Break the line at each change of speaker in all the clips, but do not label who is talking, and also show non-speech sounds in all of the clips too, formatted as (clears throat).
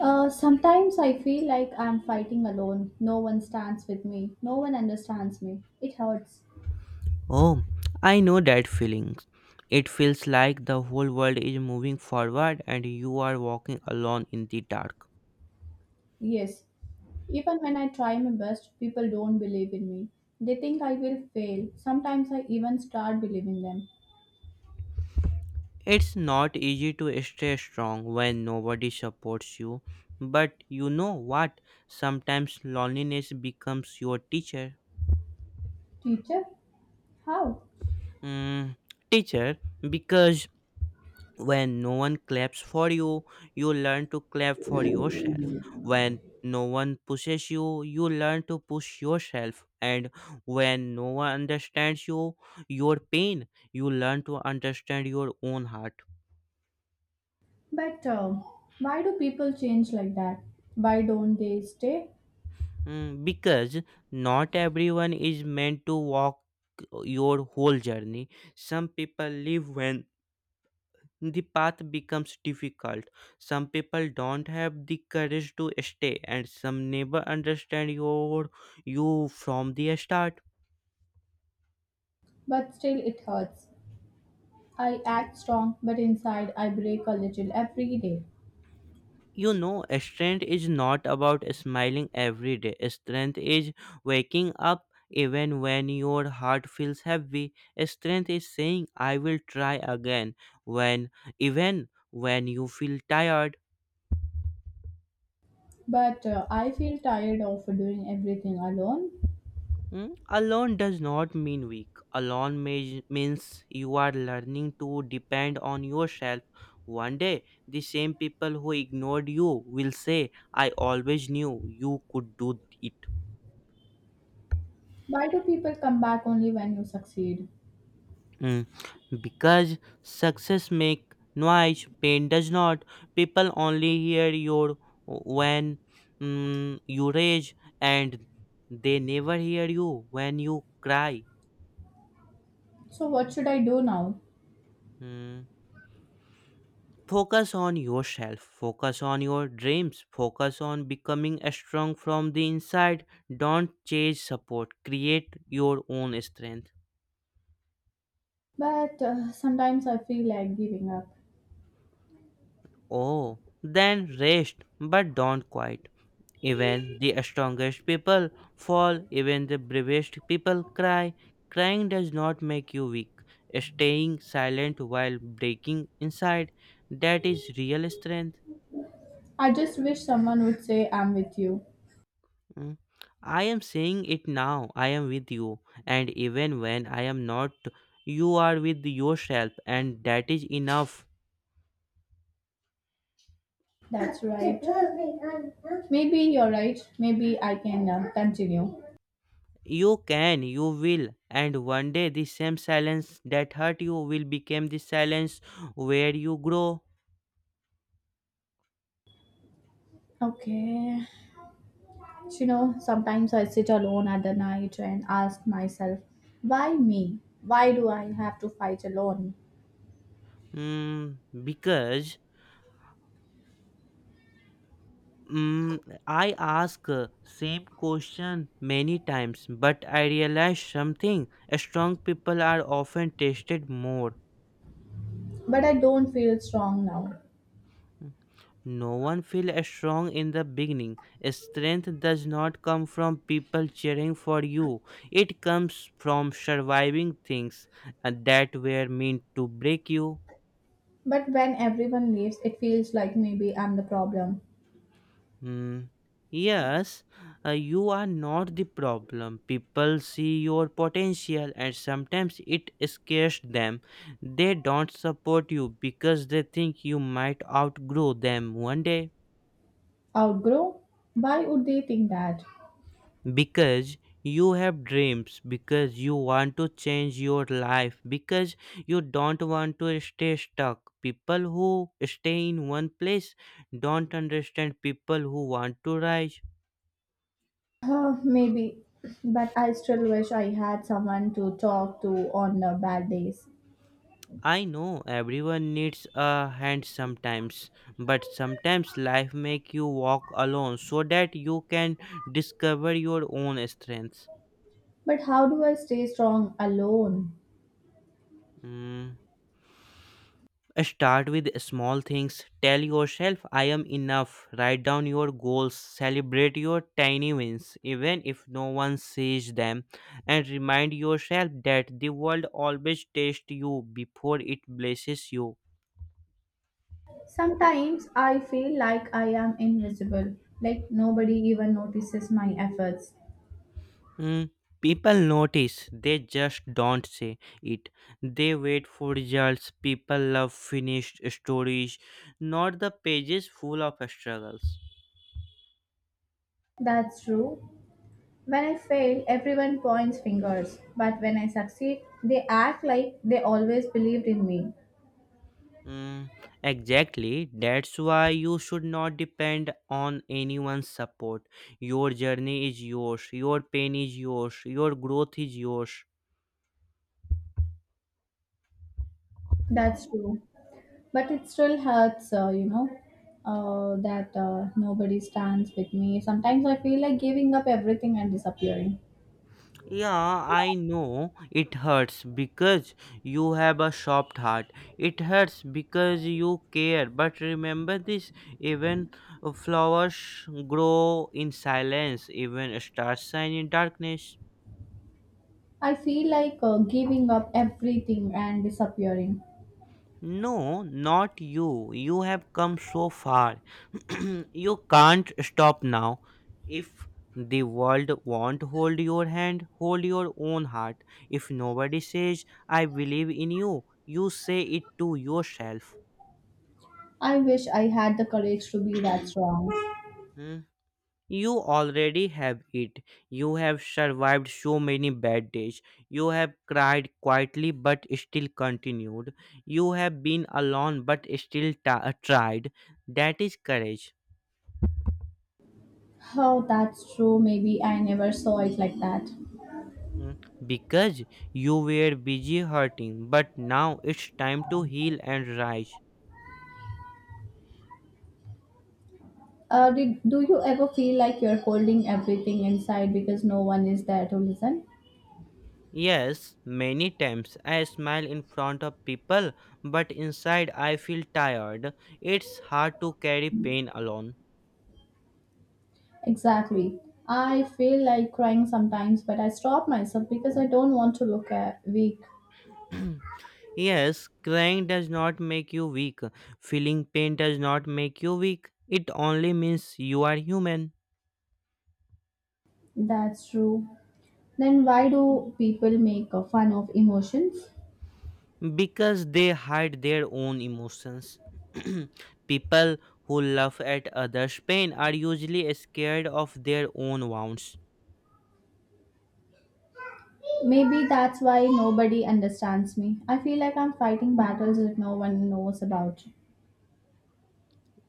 Sometimes I feel like I'm fighting alone. No one stands with me. No one understands me. It hurts.
Oh, I know that feeling. It feels like the whole world is moving forward and you are walking alone in the dark.
Yes. Even when I try my best, people don't believe in me. They think I will fail. Sometimes I even start believing them.
It's not easy to stay strong when nobody supports you, but you know what? Sometimes loneliness becomes your teacher.
Teacher? How?
Mm, Teacher, because when no one claps for you you learn to clap for yourself, when no one pushes you you learn to push yourself, and when no one understands you, your pain, you learn to understand your own heart.
But why do people change like that? Why don't they stay?
Because not everyone is meant to walk your whole journey. Some people live when the path becomes difficult. Some people don't have the courage to stay, and some never understand your you from the start.
But still, it hurts. I act strong, but inside I break a little every day.
You know, strength is not about smiling every day. Strength is waking up even when your heart feels heavy. Strength is saying, "I will try again," when even when you feel tired.
But I feel tired of doing everything alone.
Mm, alone does not mean weak. Alone may, means you are learning to depend on yourself. One day, the same people who ignored you will say, I always knew you could do it.
Why do people come back only when you succeed?
Mm, Because success make noise, pain does not. People only hear your when you rage, and they never hear you when you cry.
So, what should I do now?
Mm. Focus on yourself, focus on your dreams, focus on becoming strong from the inside. Don't chase support, create your own strength.
But sometimes I feel like giving up.
Oh, then rest, but don't quit. Even the strongest people fall, even the bravest people cry. Crying does not make you weak. Staying silent while breaking inside, that is real strength.
I just wish someone would say, I'm with you.
Mm. I am saying it now. I am with you. And even when I am not, you are with yourself, and that is enough.
That's right. Maybe you're right. Maybe I can continue.
You can, you will, and one day the same silence that hurt you will become the silence where you grow.
Okay. You know, sometimes I sit alone at the night and ask myself, why me? Why do I have to fight alone?
Mm, because mm, I ask same question many times, but I realize something. Strong people are often tested more.
But I don't feel strong now.
No one feels strong in the beginning. Strength does not come from people cheering for you. It comes from surviving things that were meant to break you.
But when everyone leaves, it feels like maybe I'm the problem.
Hmm. Yes, you are not the problem. People see your potential and sometimes it scares them. They don't support you because they think you might outgrow them one day.
Outgrow? Why would they think that?
Because you have dreams, because you want to change your life, because you don't want to stay stuck. People who stay in one place don't understand people who want to rise.
Maybe, but I still wish I had someone to talk to on bad days.
I know everyone needs a hand sometimes, but sometimes life make you walk alone so that you can discover your own strengths.
But how do I stay strong alone?
Mm. Start with small things. Tell yourself, I am enough. Write down your goals. Celebrate your tiny wins, even if no one sees them. And remind yourself that the world always tests you before it blesses you.
Sometimes I feel like I am invisible, like nobody even notices my efforts.
Mm, People notice, they just don't say it. They wait for results. People love finished stories, not the pages full of struggles.
That's true. When I fail, everyone points fingers, but when I succeed, they act like they always believed in me.
Mm, exactly. That's why you should not depend on anyone's support. Your journey is yours, your pain is yours, your growth is yours.
That's true. But it still hurts you know, that nobody stands with me. Sometimes I feel like giving up everything and disappearing.
Yeah, I know it hurts because you have a soft heart. It hurts because you care. But remember this, even flowers grow in silence, even stars shine in darkness.
I feel like giving up everything and disappearing.
No, not you. You have come so far. (clears throat) You can't stop now. If the world won't hold your hand, hold your own heart. If nobody says, I believe in you, you say it to yourself.
I wish I had the courage to be that
(clears throat)
strong.
Hmm? You already have it. You have survived so many bad days. You have cried quietly but still continued. You have been alone but still tried. That is courage.
Oh, that's true. Maybe I never saw it like that.
Mm, Because you were busy hurting, but now it's time to heal and rise.
Do you ever feel like you're holding everything inside because no one is there to listen?
Yes, many times I smile in front of people, but inside I feel tired. It's hard to carry pain alone.
Exactly. I feel like crying sometimes, but I stop myself because I don't want to look at weak.
(clears throat) Yes, crying does not make you weak. Feeling pain does not make you weak. It only means you are human.
That's true. Then why do people make fun of emotions?
Because they hide their own emotions. (clears throat) People who laugh at others' pain are usually scared of their own wounds.
Maybe that's why nobody understands me. I feel like I'm fighting battles that no one knows about.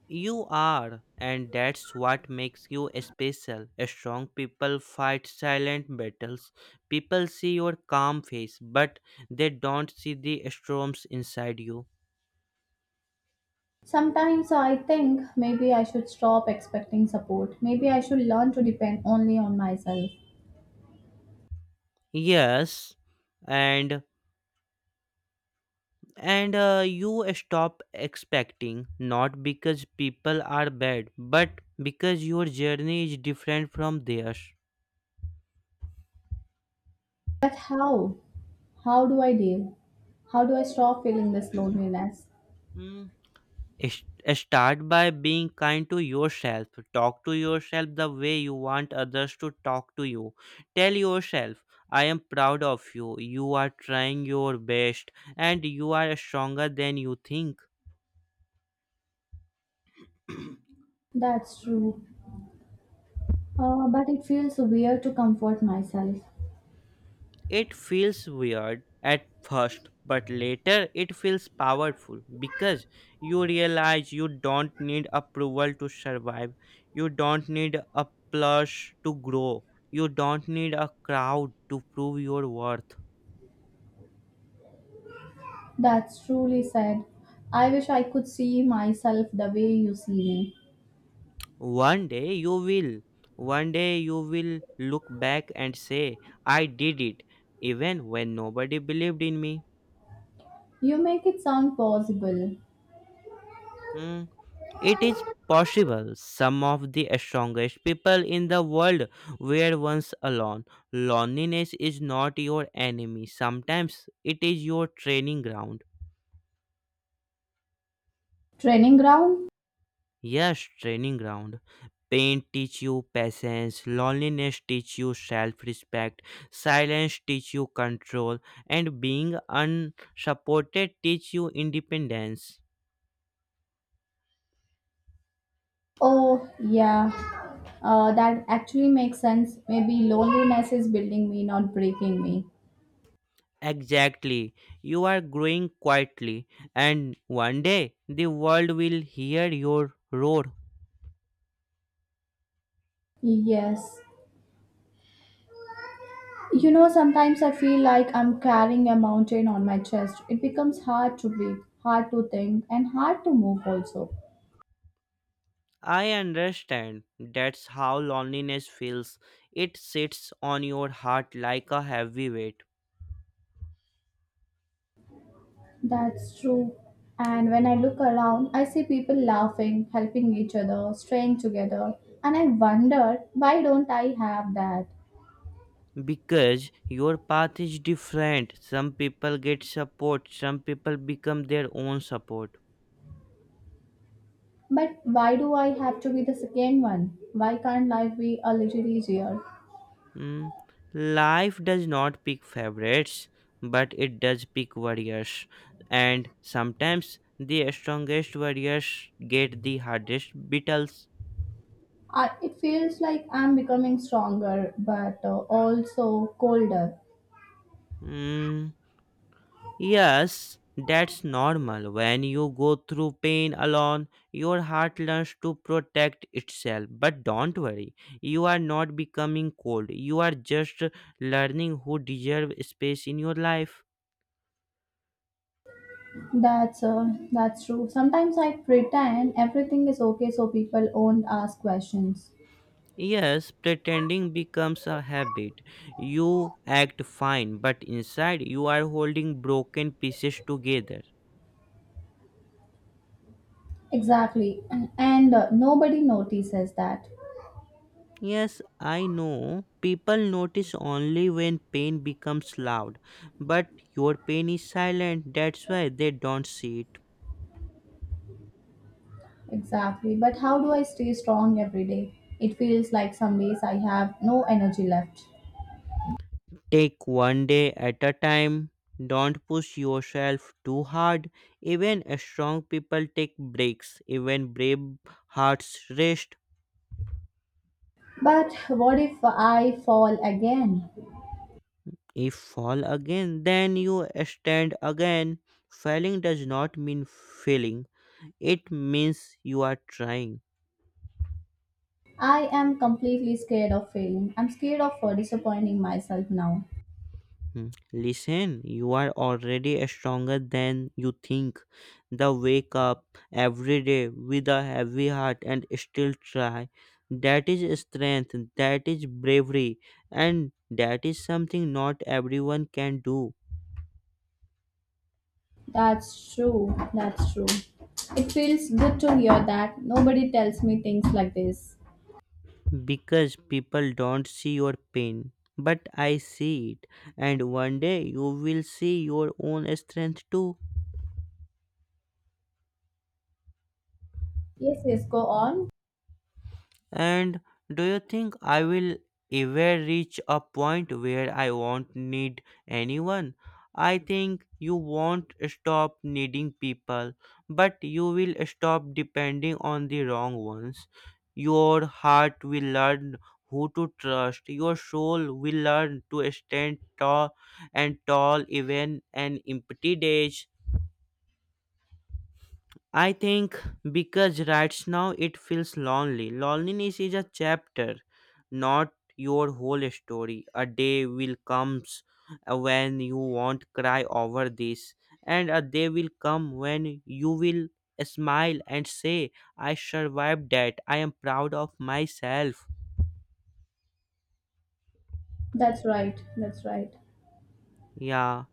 You are, and that's what makes you special. Strong people fight silent battles. People see your calm face, but they don't see the storms inside you.
Sometimes I think maybe I should stop expecting support. Maybe I should learn to depend only on myself.
Yes, and and you stop expecting not because people are bad, but because your journey is different from theirs.
But how? How do I deal? How do I stop feeling this loneliness?
Mm. Sh- Start by being kind to yourself. Talk to yourself the way you want others to talk to you. Tell yourself, I am proud of you. You are trying your best and you are stronger than you think.
That's true. But it feels weird to comfort myself.
It feels weird at first, but later it feels powerful because you realize you don't need approval to survive, you don't need a plush to grow, you don't need a crowd to prove your worth.
That's truly sad. I wish I could see myself the way you see me.
One day you will. One day you will look back and say, I did it, even when nobody believed in me.
You make it sound possible.
Hmm. It is possible. Some of the strongest people in the world were once alone. Loneliness is not your enemy, sometimes it is your training ground.
Training ground?
Yes, training ground. Pain teach you patience, loneliness teach you self-respect, silence teach you control, and being unsupported teach you independence.
Oh, yeah. That actually makes sense. Maybe loneliness is building me, not breaking me.
Exactly. You are growing quietly, and one day the world will hear your roar.
Yes. You know, sometimes I feel like I'm carrying a mountain on my chest. It becomes hard to breathe, hard to think, and hard to move also.
I understand. That's how loneliness feels. It sits on your heart like a heavy weight.
That's true. And when I look around, I see people laughing, helping each other, staying together. And I wonder, why don't I have that?
Because your path is different. Some people get support, some people become their own support.
But why do I have to be the second one? Why can't life be a little easier?
Mm, Life does not pick favorites, but it does pick warriors. And sometimes the strongest warriors get the hardest battles.
It feels like I'm becoming stronger, but also colder.
Mm, yes, that's normal. When you go through pain alone, your heart learns to protect itself. But don't worry, you are not becoming cold. You are just learning who deserve space in your life.
That's uh, that's true. Sometimes I pretend everything is okay so people won't ask questions.
Yes, pretending becomes a habit. You act fine, but inside you are holding broken pieces together.
Exactly, and nobody notices that.
Yes, I know. People notice only when pain becomes loud, but your pain is silent, that's why they don't see it.
Exactly. But how do I stay strong every day? It feels like some days I have no energy left.
Take one day at a time. Don't push yourself too hard. Even strong people take breaks, even brave hearts rest.
But what if I fall again?
If fall again, then you stand again. Failing does not mean failing, it means you are trying.
I am completely scared of failing. I'm scared of disappointing myself now.
Hmm. Listen, you are already stronger than you think. The wake up every day with a heavy heart and still try. That is strength, that is bravery, and that is something not everyone can do.
That's true. That's true. It feels good to hear that. Nobody tells me things like this.
Because people don't see your pain. But I see it, and one day you will see your own strength too.
Yes, yes, go on.
And do you think I will ever reach a point where I won't need anyone? I think you won't stop needing people, but you will stop depending on the wrong ones. Your heart will learn who to trust. Your soul will learn to stand tall and tall even an empty days. I think because right now it feels lonely. Loneliness is a chapter, not your whole story. A day will comes when you won't cry over this, and a day will come when you will smile and say, "I survived that. I am proud of myself."
That's right. That's right.
Yeah.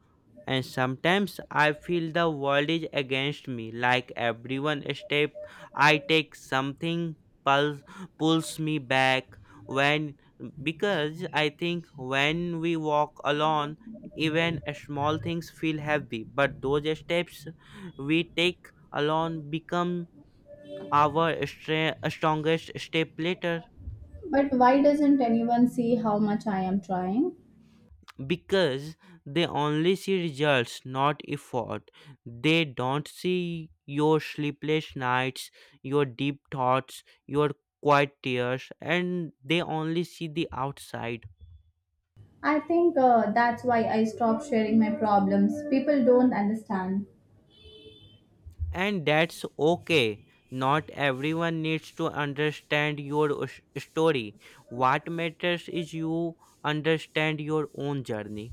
And sometimes I feel the world is against me. Like everyone step I take, something pulls pulls me back. When because I think when we walk alone, even small things feel heavy. But those steps we take alone become our strongest step later.
But why doesn't anyone see how much I am trying?
Because they only see results, not effort. They don't see your sleepless nights, your deep thoughts, your quiet tears, and they only see the outside.
I think that's why I stopped sharing my problems. People don't understand.
And that's okay. Not everyone needs to understand your story. What matters is you understand your own journey.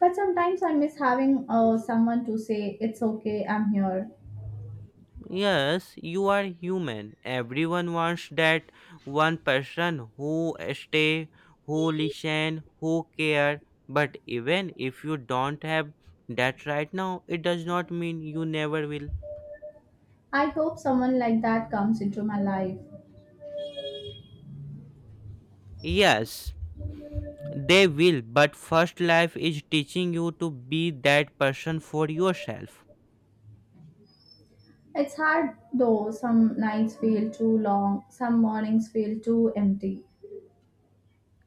But sometimes I miss having someone to say, It's okay, I'm here.
Yes, you are human. Everyone wants that one person who stay, who listen, who care. But even if you don't have that right now, it does not mean you never will.
I hope someone like that comes into my life.
Yes, they will. But first life is teaching you to be that person for yourself.
It's hard though, some nights feel too long, some mornings feel too empty.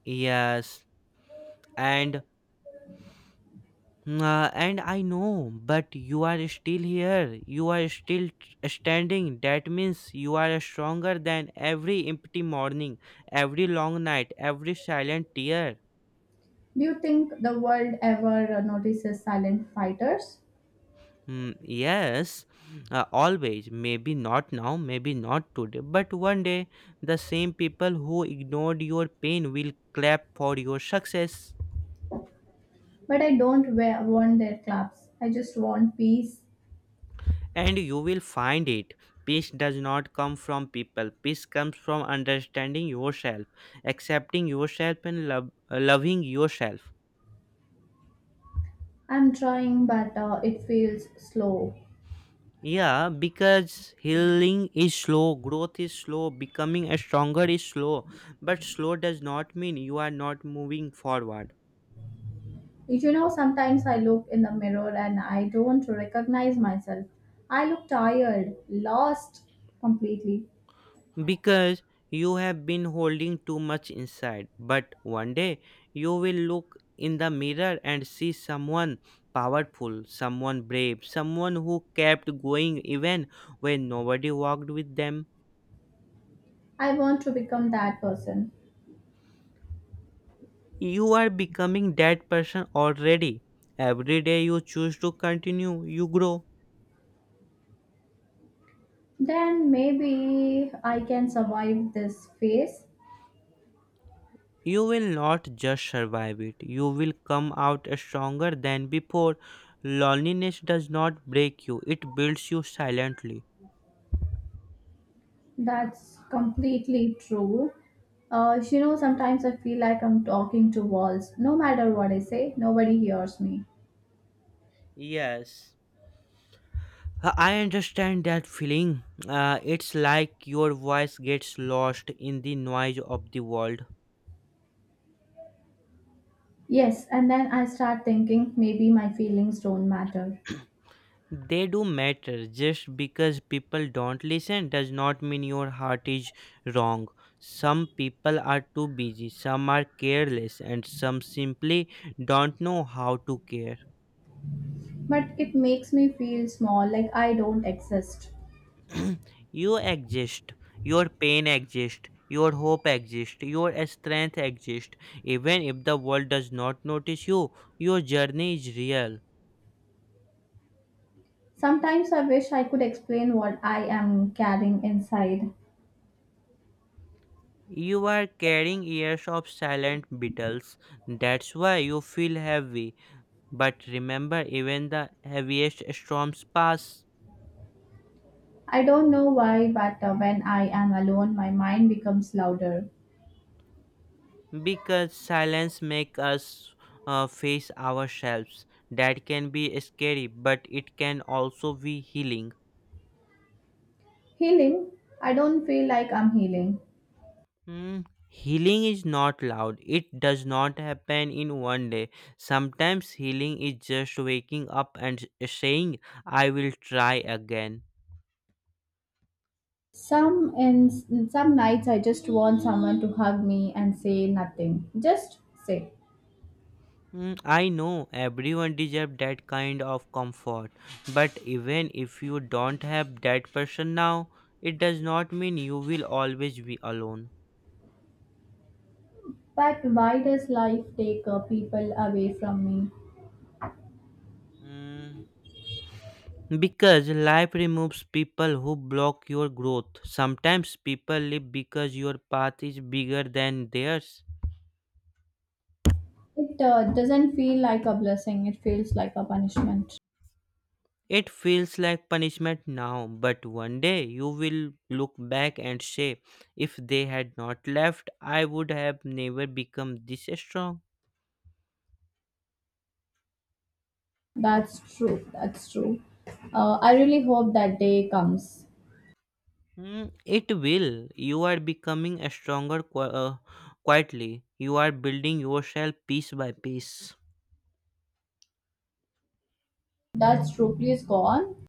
Yes, and and I know, but you are still here. You are still standing. That means you are stronger than every empty morning, every long night, every silent tear.
Do you think the world ever notices silent fighters?
Hmm, yes, always. Maybe not now, maybe not today, but one day the same people who ignored your pain will clap for your success.
But I don't want their claps. I just want peace.
And you will find it. Peace does not come from people. Peace comes from understanding yourself, accepting yourself, and loving yourself.
I'm trying, but it feels slow.
Yeah, because healing is slow, growth is slow, becoming a stronger is slow. But slow does not mean you are not moving forward.
You know, sometimes I look in the mirror and I don't recognize myself. I look tired, lost completely.
Because you have been holding too much inside. But one day you will look in the mirror and see someone powerful, someone brave, someone who kept going even when nobody walked with them.
I want to become that person.
You are becoming that person already. Every day you choose to continue, you grow.
Then maybe I can survive this phase.
You will not just survive it, you will come out stronger than before. Loneliness does not break you, it builds you silently.
That's completely true. You know, sometimes I feel like I'm talking to walls. No matter what I say, nobody hears me.
Yes. I understand that feeling. It's like your voice gets lost in the noise of the world.
Yes, and then I start thinking maybe my feelings don't matter.
They do matter. Just because people don't listen does not mean your heart is wrong. Some people are too busy, some are careless, and some simply don't know how to care.
But it makes me feel small, like I don't exist.
You exist, your pain exists, your hope exists, your strength exists. Even if the world does not notice you, your journey is real.
Sometimes I wish I could explain what I am carrying inside.
You are carrying years of silent battles. That's why you feel heavy. But remember, even the heaviest storms pass
I don't know why, but when I am alone, my mind becomes louder.
because silence makes us face ourselves. That can be scary, but it can also be healing.
Healing, I don't feel like I'm healing.
Hmm. Healing is not loud. It does not happen in one day. Sometimes healing is just waking up and saying, I will try again.
Some in some nights I just want someone to hug me and say nothing. Just say.
Hmm, I know everyone deserves that kind of comfort, but even if you don't have that person now, it does not mean you will always be alone.
But why does life take people away from me?
Mm. Because life removes people who block your growth. Sometimes people live because your path is bigger than theirs.
It doesn't feel like a blessing. It feels like a punishment.
It feels like punishment now, but one day you will look back and say, if they had not left, I would have never become this strong.
That's true. That's true. I really hope that day comes.
Hmm, it will. You are becoming a stronger quietly. You are building yourself piece by piece.
That's true. Please go on.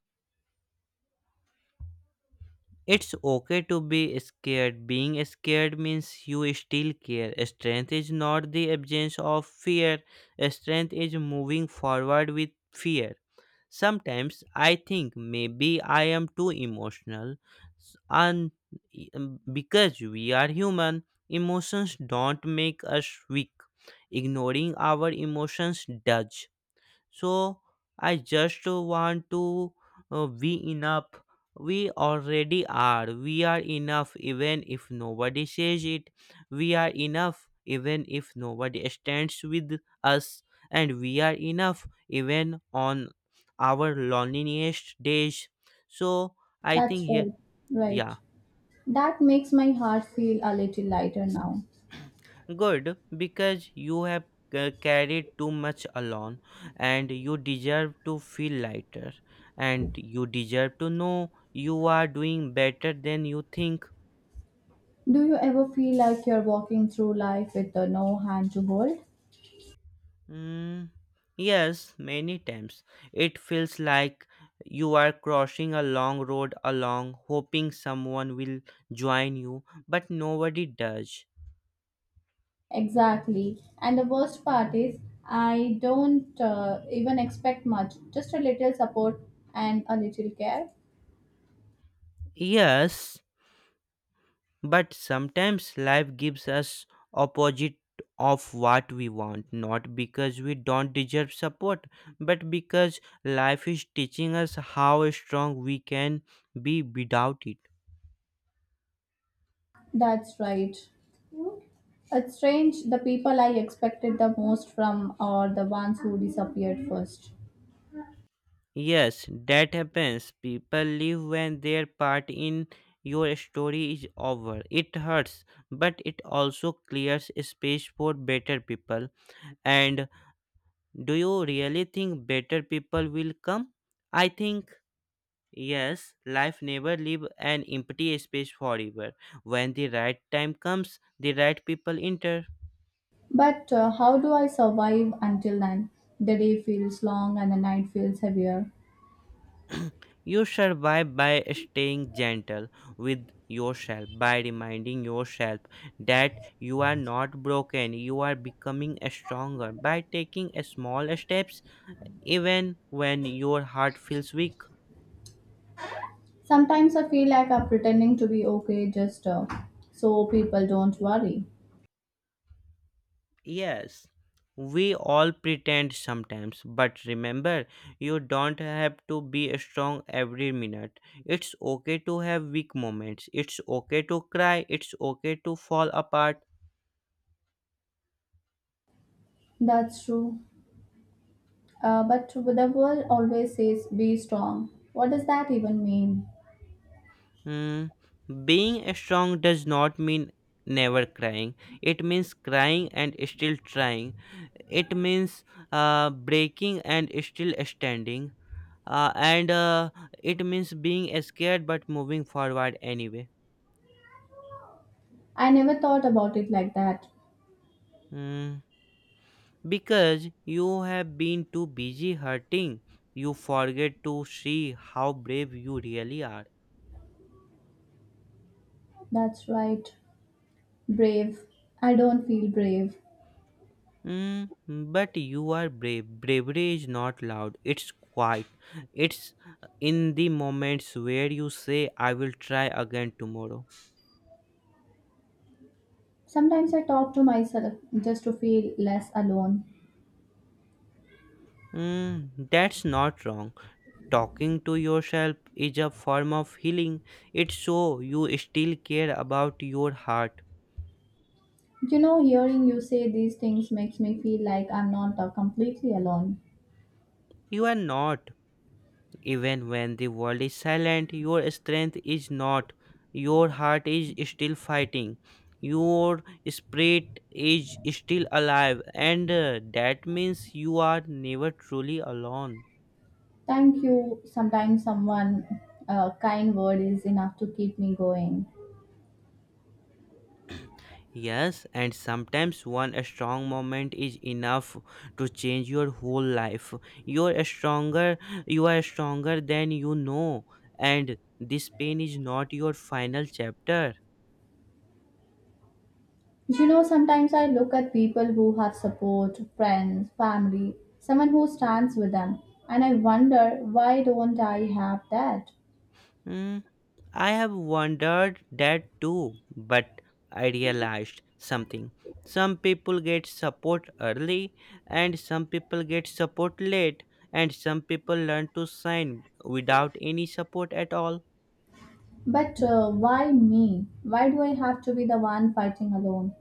It's okay to be scared. Being scared means you still care. Strength is not the absence of fear, strength is moving forward with fear. Sometimes I think maybe I am too emotional, s- and because we are human, emotions don't make us weak. Ignoring our emotions does. So I just want to be enough. We already are, we are enough even if nobody says it, we are enough even if nobody stands with us, and we are enough even on our loneliest days. So I think
That's
here.
right.
Yeah.
Right. That makes my heart feel a little lighter now.
Good, because you have carried too much alone, and you deserve to feel lighter, and you deserve to know you are doing better than you think.
Do you ever feel like you're walking through life with no hand to hold?
Mm, yes, many times it feels like you are crossing a long road along, hoping someone will join you, but nobody does.
Exactly. And the worst part is, I don't even expect much, just a little support and a little care.
Yes. But sometimes life gives us opposite of what we want, not because we don't deserve support, but because life is teaching us how strong we can be without it.
That's right. It's strange, the people I expected the most from are the ones who disappeared first.
Yes, that happens. People leave when their part in your story is over. It hurts, but it also clears space for better people. And do you really think better people will come? I think yes, life never leave an empty space forever. When the right time comes, the right people enter.
But how do I survive until then? The day feels long and the night feels heavier.
You survive by staying gentle with yourself, by reminding yourself that you are not broken, you are becoming stronger, by taking small steps even when your heart feels weak.
Sometimes I feel like I'm pretending to be okay just so people don't worry.
Yes, we all pretend sometimes, but remember, you don't have to be strong every minute. It's okay to have weak moments. It's okay to cry. It's okay to fall apart.
That's true. But the world always says be strong. What does that even mean?
Hmm. Being strong does not mean never crying. It means crying and still trying. It means breaking and still standing. And It means being scared but moving forward anyway.
I never thought about it like that.
Hmm. Because you have been too busy hurting, you forget to see how brave you really are.
That's right. Brave. I don't feel brave.
Mm, but you are brave. Bravery is not loud, it's quiet. It's in the moments where you say, I will try again tomorrow.
Sometimes I talk to myself just to feel less alone.
Mm, that's not wrong. Talking to yourself is a form of healing. It shows you still care about your heart.
You know, hearing you say these things makes me feel like I'm not completely alone.
You are not. Even when the world is silent, your strength is not. Your heart is still fighting. Your spirit is still alive, and that means you are never truly alone.
Thank you. Sometimes someone, a kind word is enough to keep me going.
Yes, and sometimes one strong moment is enough to change your whole life. You are stronger, you are stronger than you know, and this pain is not your final chapter.
You know, sometimes I look at people who have support, friends, family, someone who stands with them, and I wonder why don't I have that?
Hmm. I have wondered that too, but I realized something. Some people get support early, and some people get support late, and some people learn to sign without any support at all.
But why me? Why do I have to be the one fighting alone?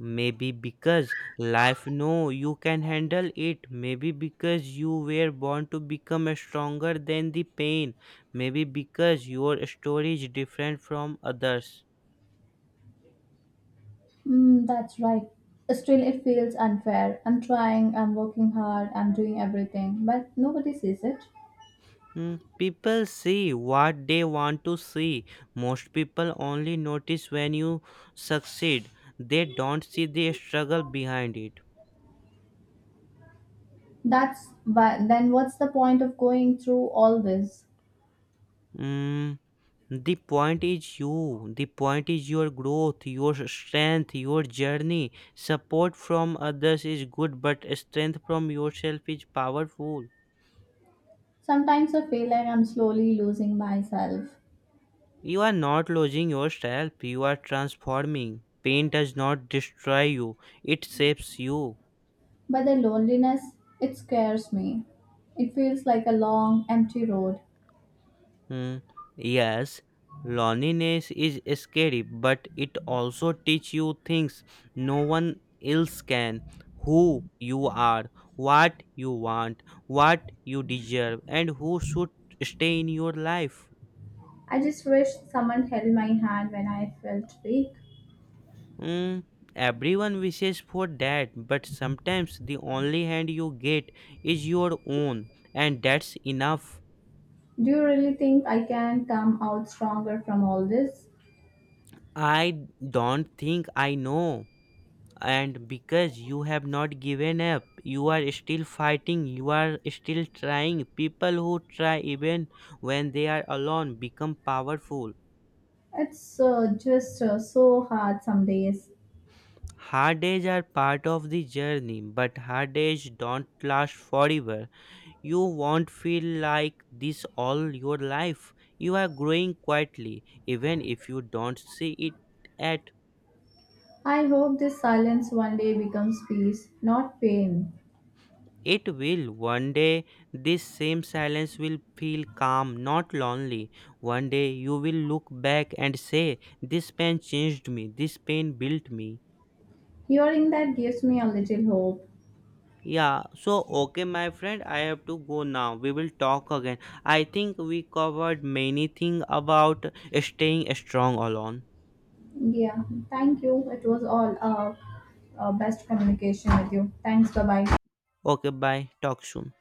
Maybe because life know you can handle it. Maybe because you were born to become stronger than the pain. Maybe because your story is different from others.
Mm, that's right. Still, it feels unfair. I'm trying, I'm working hard, I'm doing everything, but nobody sees it.
Hmm. People see what they want to see. Most people only notice when you succeed, they don't see the struggle behind it.
That's why, then what's the point of going through all this?
Mm, the point is you, the point is your growth, your strength, your journey. Support from others is good, but strength from yourself is powerful.
Sometimes I feel like I'm slowly losing myself,
You are not losing yourself, you are transforming. Pain does not destroy you, it shapes you.
but the loneliness, it scares me. It feels like a long, empty road.
Hmm. Yes, loneliness is scary, but it also teach you things no one else can. Who you are, what you want, what you deserve, and who should stay in your life.
I just wish someone held my hand when I felt weak.
Hmm. Everyone wishes for that, but sometimes the only hand you get is your own, and that's enough.
Do you really think I can come out stronger from all this?
I don't think, I know. And because you have not given up, you are still fighting, you are still trying. People who try even when they are alone become powerful.
It's just so hard some days.
Hard days are part of the journey, but hard days don't last forever. You won't feel like this all your life. You are growing quietly even if you don't see it at.
I hope this silence one day becomes peace, not pain.
It will. One day, this same silence will feel calm, not lonely. One day, you will look back and say, this pain changed me. This pain built me.
Hearing that gives me a little hope.
Yeah, so okay, my friend, I have to go now. We will talk again. I think we covered many things about staying strong alone.
Yeah, thank you. It was all best communication with you. Thanks, bye bye.
Okay, bye. Talk soon.